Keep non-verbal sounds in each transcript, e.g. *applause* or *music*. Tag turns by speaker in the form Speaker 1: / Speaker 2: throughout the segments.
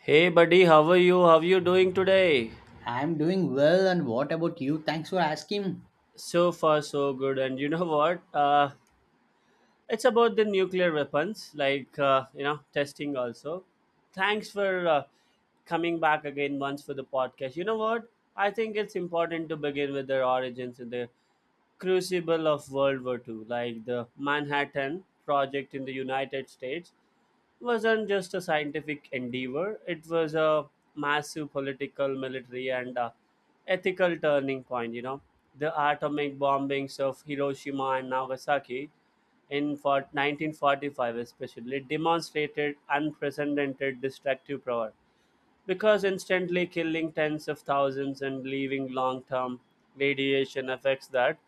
Speaker 1: Hey buddy, how are you? How are you doing today?
Speaker 2: I'm doing well, and what about you? Thanks for asking.
Speaker 1: So far, so good. And you know what? It's about the nuclear weapons, testing also. Thanks for coming back again once for the podcast. You know what? I think it's important to begin with their origins in the crucible of World War II, like the Manhattan Project in the United States wasn't just a scientific endeavor. It was a massive political, military, and ethical turning point. You know, the atomic bombings of Hiroshima and Nagasaki in for 1945 especially demonstrated unprecedented destructive power, because instantly killing tens of thousands and leaving long term radiation effects that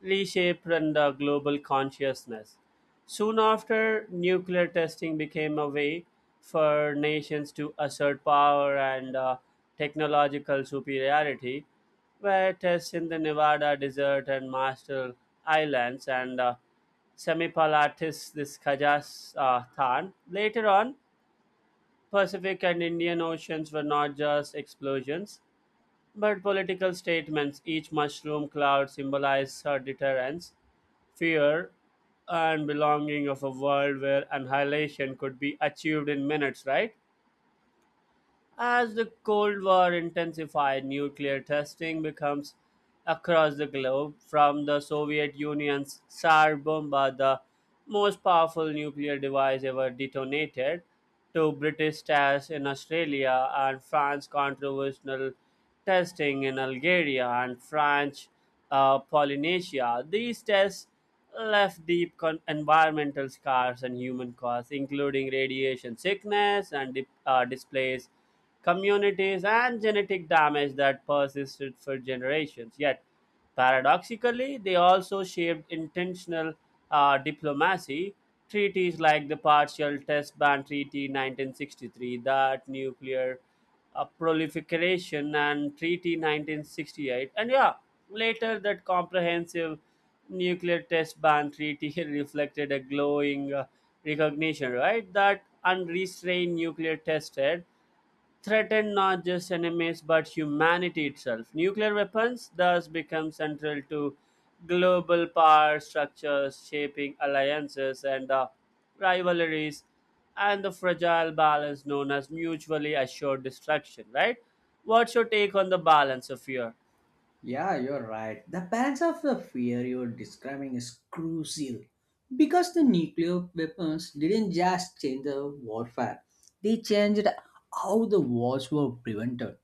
Speaker 1: reshaped global consciousness. Soon after, nuclear testing became a way for nations to assert power and technological superiority, where tests in the Nevada desert and Marshall Islands and Semipalatis this Kazakhstan. Later on, Pacific and Indian Oceans were not just explosions, but political statements. Each mushroom cloud symbolized her deterrence, fear, and belonging of a world where annihilation could be achieved in minutes, right? As the Cold War intensified, nuclear testing becomes across the globe, from the Soviet Union's Tsar Bomba, the most powerful nuclear device ever detonated, to British tests in Australia and France, controversial testing in Algeria and French Polynesia. These tests left deep environmental scars and human costs, including radiation sickness and displaced communities and genetic damage that persisted for generations. Yet, paradoxically, they also shaped intentional diplomacy. Treaties like the Partial Test Ban Treaty 1963, that nuclear a proliferation and treaty 1968 and yeah later that comprehensive nuclear test ban treaty *laughs* reflected a glowing recognition, right, that unrestrained nuclear test threaten not just enemies but humanity itself. Nuclear weapons thus become central to global power structures, shaping alliances and rivalries and the fragile balance known as mutually assured destruction, right? What's your take on the balance of fear?
Speaker 2: Yeah, you're right. The balance of the fear you're describing is crucial because the nuclear weapons didn't just change the warfare, they changed how the wars were prevented.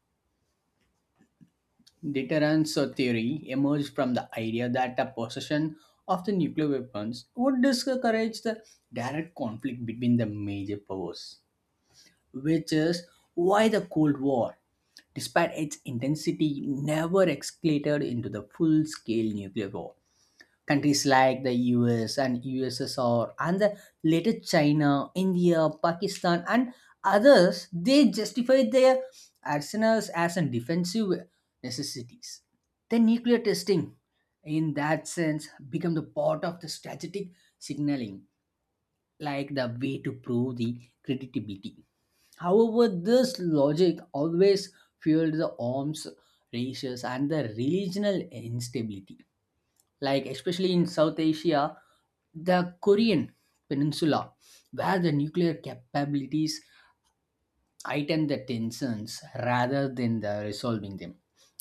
Speaker 2: Deterrence theory emerged from the idea that the possession of the nuclear weapons would discourage the direct conflict between the major powers, which is why the Cold War despite its intensity, never escalated into the full-scale nuclear war. Countries like the US and USSR and the later China, India, Pakistan and others, they justified their arsenals as a defensive necessities. The nuclear testing, in that sense, become the part of the strategic signaling, like the way to prove the credibility. However, this logic always fueled the arms races and the regional instability. Like, especially in South Asia, the Korean Peninsula, where the nuclear capabilities heighten the tensions rather than the resolving them.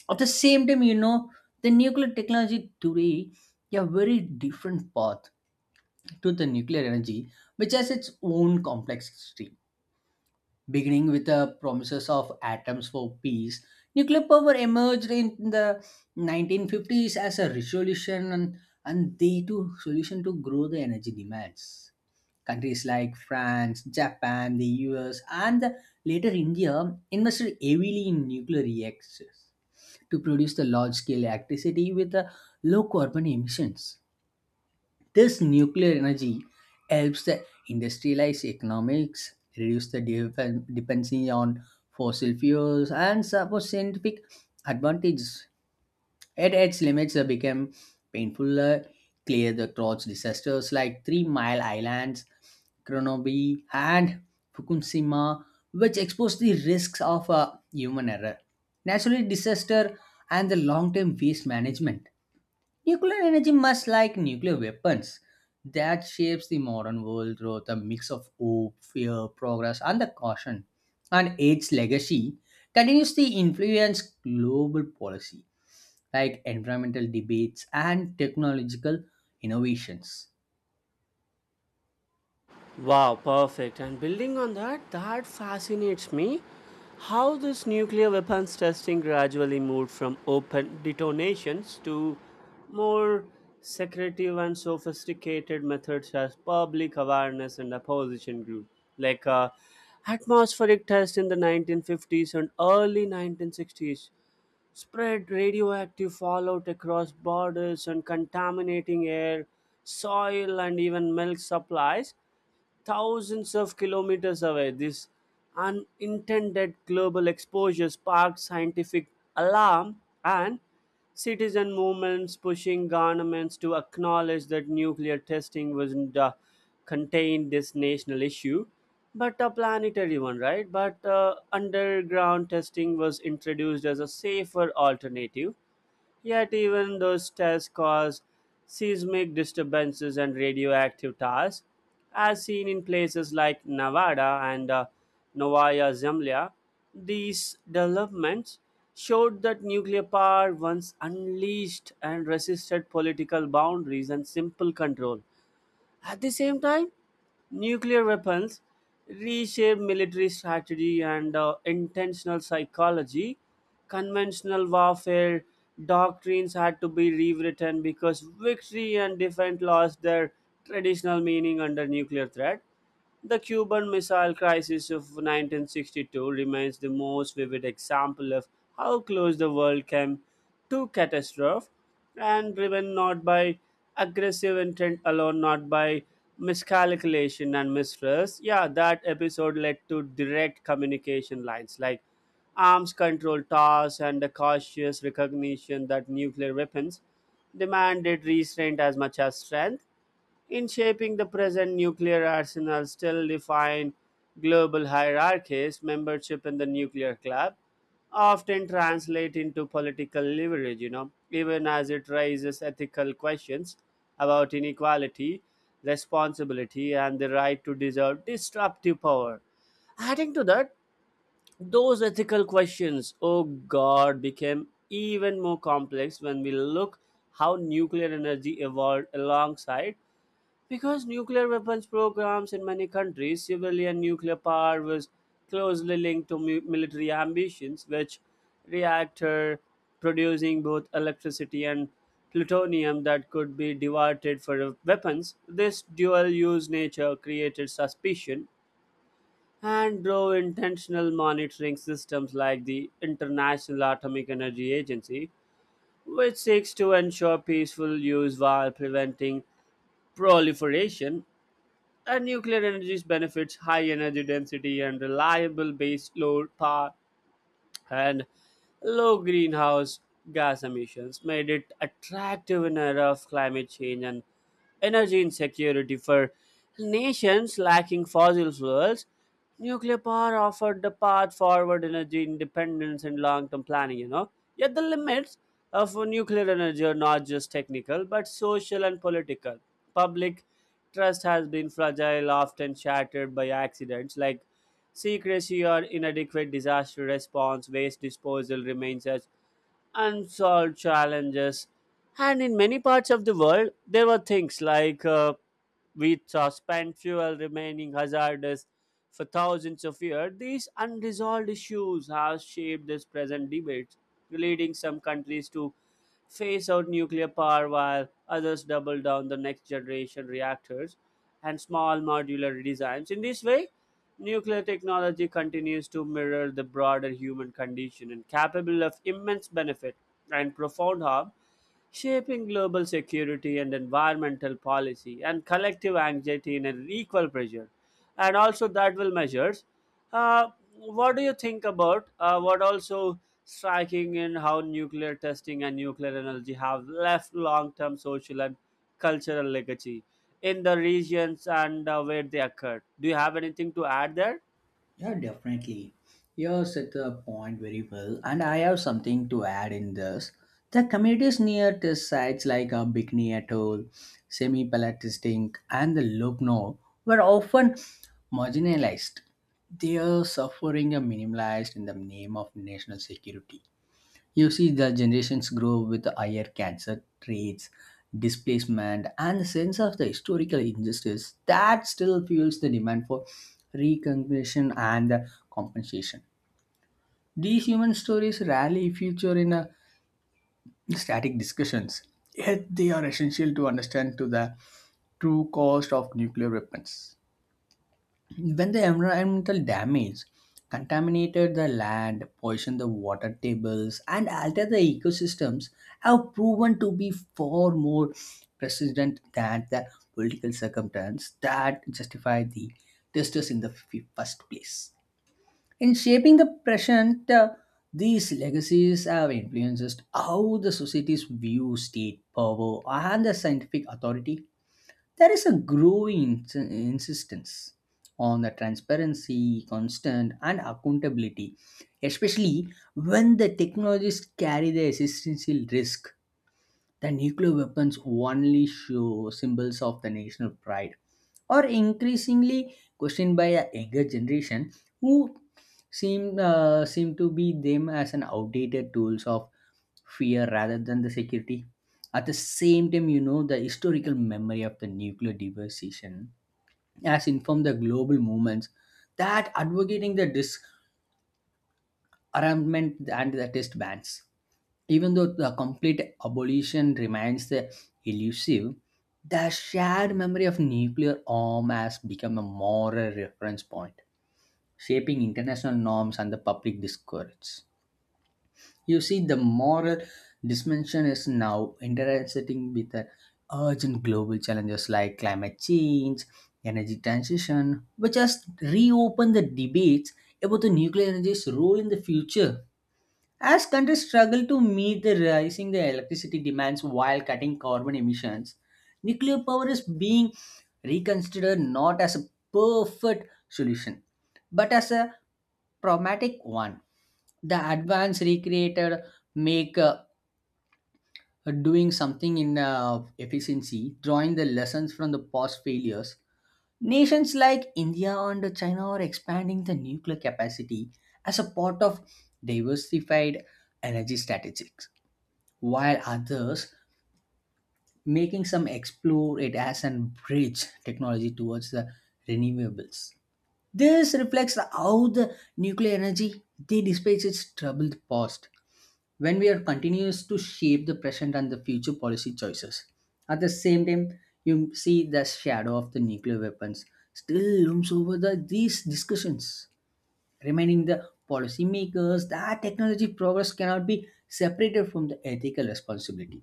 Speaker 2: At the same time, you know, the nuclear technology today a very different path to the nuclear energy, which has its own complexity beginning with the promises of atoms for peace, nuclear power emerged in the 1950s as a resolution and the too solution to grow the energy demands. Countries like France, Japan, the US, and the later India invested heavily in nuclear reactors to produce the large scale electricity with the low carbon emissions. This nuclear energy helps the industrialized economics, reduce the dependency on fossil fuels, and support scientific advantages. At its limits, became painful. Clear the throats disasters like Three Mile Islands, Kronobi, and Fukushima, which exposed the risks of human error, natural disaster, and the long-term waste management. Nuclear energy, much like nuclear weapons, that shapes the modern world through the mix of hope, fear, progress, and the caution. And its legacy continues to influence global policy, like environmental debates and technological innovations.
Speaker 1: Wow, perfect. And building on that, that fascinates me how this nuclear weapons testing gradually moved from open detonations to more secretive and sophisticated methods as public awareness and opposition grew. Like uh, atmospheric test in the 1950s and early 1960s spread radioactive fallout across borders and contaminating air, soil, and even milk supplies thousands of kilometers away. This unintended global exposure sparked scientific alarm and citizen movements pushing governments to acknowledge that nuclear testing wasn't contained this national issue but a planetary one, right? But underground testing was introduced as a safer alternative. Yet, even those tests cause seismic disturbances and radioactive tars, as seen in places like Nevada and Novaya Zemlya. These developments showed that nuclear power once unleashed and resisted political boundaries and simple control. At the same time, nuclear weapons reshape military strategy and intentional psychology. Conventional warfare doctrines had to be rewritten because victory and defense lost their traditional meaning under nuclear threat. The Cuban Missile Crisis of 1962 remains the most vivid example of how close the world came to catastrophe, and driven not by aggressive intent alone, not by miscalculation and mistrust. Yeah, that episode led to direct communication lines like arms control talks and the cautious recognition that nuclear weapons demanded restraint as much as strength in shaping the present. Nuclear arsenal still define global hierarchies. Membership in the nuclear club often translate into political leverage, you know, even as it raises ethical questions about inequality, responsibility, and the right to deserve disruptive power. Adding to that, those ethical questions, oh god, became even more complex when we look how nuclear energy evolved alongside, because nuclear weapons programs in many countries, civilian nuclear power was closely linked to military ambitions, which reactor producing both electricity and plutonium that could be diverted for weapons. This dual use nature created suspicion and drove intentional monitoring systems like the International Atomic Energy Agency, which seeks to ensure peaceful use while preventing proliferation. And nuclear energy's benefits, high energy density and reliable base load power, and low greenhouse gas emissions, made it attractive in an era of climate change and energy insecurity. For nations lacking fossil fuels, nuclear power offered the path forward, energy independence, and long term planning, you know. Yet the limits of nuclear energy are not just technical, but social and political. Public trust has been fragile, often shattered by accidents like secrecy or inadequate disaster response. Waste disposal remain such unsolved challenges. And in many parts of the world, there were things like wheat suspend fuel remaining hazardous for thousands of years. These unresolved issues have shaped this present debate, leading some countries to phase out nuclear power while others double down the next generation reactors and small modular designs. In this way, nuclear technology continues to mirror the broader human condition and capable of immense benefit and profound harm, shaping global security and environmental policy and collective anxiety in an equal pressure and also that will measures. uh, what do you think about what also striking in how nuclear testing and nuclear energy have left long-term social and cultural legacy in the regions and where they occurred? Do you have anything to add there?
Speaker 2: Yeah, definitely. You set the point very well, and I have something to add in this. The communities near test sites like Bikini Atoll, Semipalatistic, and the Lugno were often marginalized. They are suffering are minimalized in the name of national security. You see, the generations grow with higher cancer rates, displacement, and the sense of the historical injustice that still fuels the demand for recognition and the compensation. These human stories rarely feature in a static discussions, yet they are essential to understand to the true cost of nuclear weapons. When the environmental damage contaminated the land poisoned the water tables and altered the ecosystems have proven to be far more persistent than the political circumstance that justify the testers in the first place in shaping the present these legacies have influenced how the societies view state power and the scientific authority there is a growing insistence on the transparency, constant, and accountability, especially when the technologies carry the existential risk the nuclear weapons only show symbols of the national pride, or increasingly questioned by a younger generation who seem to be them as an outdated tools of fear rather than the security. At the same time, you know the historical memory of the nuclear devastation has informed the global movements that advocating the disarmament and the test bans. Even though the complete abolition remains elusive, the shared memory of nuclear arm has become a moral reference point, shaping international norms and the public discourse. You see, the moral dimension is now intersecting with the urgent global challenges like climate change, energy transition, which has reopened the debates about the nuclear energy's role in the future. As countries struggle to meet the rising electricity demands while cutting carbon emissions, nuclear power is being reconsidered not as a perfect solution, but as a pragmatic one. The advance recreated make doing something in efficiency, drawing the lessons from the past failures. Nations like India and China are expanding the nuclear capacity as a part of diversified energy strategies while others making some explore it as an bridge technology towards the renewables. This reflects how the nuclear energy they dispatch its troubled past when we are continuous to shape the present and the future policy choices. At the same time, you see the shadow of the nuclear weapons still looms over the, these discussions, reminding the policymakers that technology progress cannot be separated from the ethical responsibility.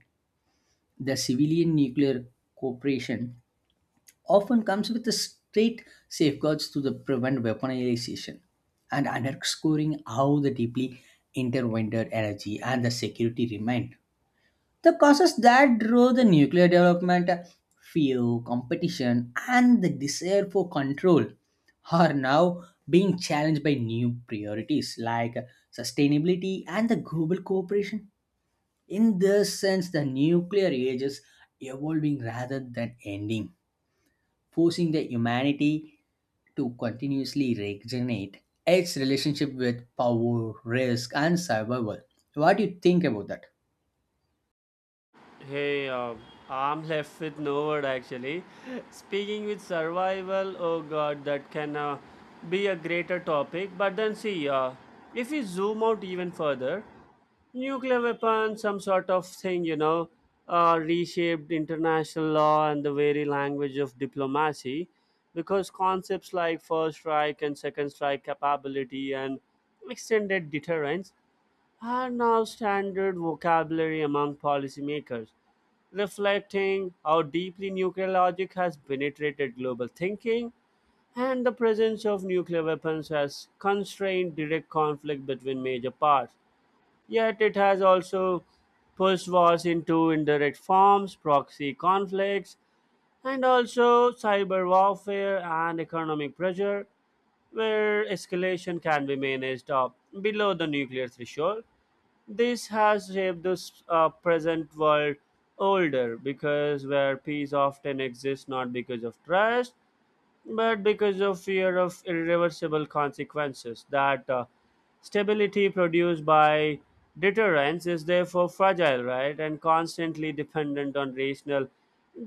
Speaker 2: The civilian nuclear cooperation often comes with the straight safeguards to the prevent weaponization and underscoring how the deeply intertwined energy and the security remain. The causes that drove the nuclear development, fear, competition, and the desire for control are now being challenged by new priorities like sustainability and the global cooperation. In this sense, the nuclear age is evolving rather than ending, forcing the humanity to continuously regenerate its relationship with power, risk, and survival. What do you think about that?
Speaker 1: Hey, I'm left with no word actually. Speaking with survival, oh god, that can be a greater topic. But then see, if we zoom out even further, nuclear weapons, some sort of thing, you know, reshaped international law and the very language of diplomacy, because concepts like first strike and second strike capability and extended deterrence are now standard vocabulary among policymakers, reflecting how deeply nuclear logic has penetrated global thinking. And the presence of nuclear weapons has constrained direct conflict between major powers. Yet it has also pushed wars into indirect forms, proxy conflicts, and also cyber warfare and economic pressure, where escalation can be managed up below the nuclear threshold. This has shaped this present world older, because where peace often exists not because of trust but because of fear of irreversible consequences. That stability produced by deterrence is therefore fragile, right, and constantly dependent on rational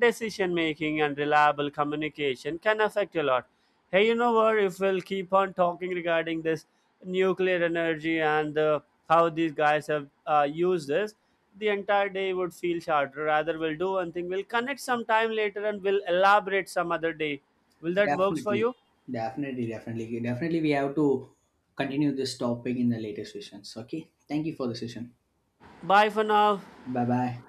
Speaker 1: decision making and reliable communication can affect a lot. Hey, you know what? If we'll keep on talking regarding this nuclear energy and how these guys have used this, the entire day would feel shorter. Rather, we'll do one thing. We'll connect some time later and we'll elaborate some other day. Will that works for
Speaker 2: Definitely,
Speaker 1: you?
Speaker 2: definitely, definitely, definitely. We have to continue this topic in the later sessions. Okay, thank you for the session.
Speaker 1: Bye for now.
Speaker 2: Bye bye.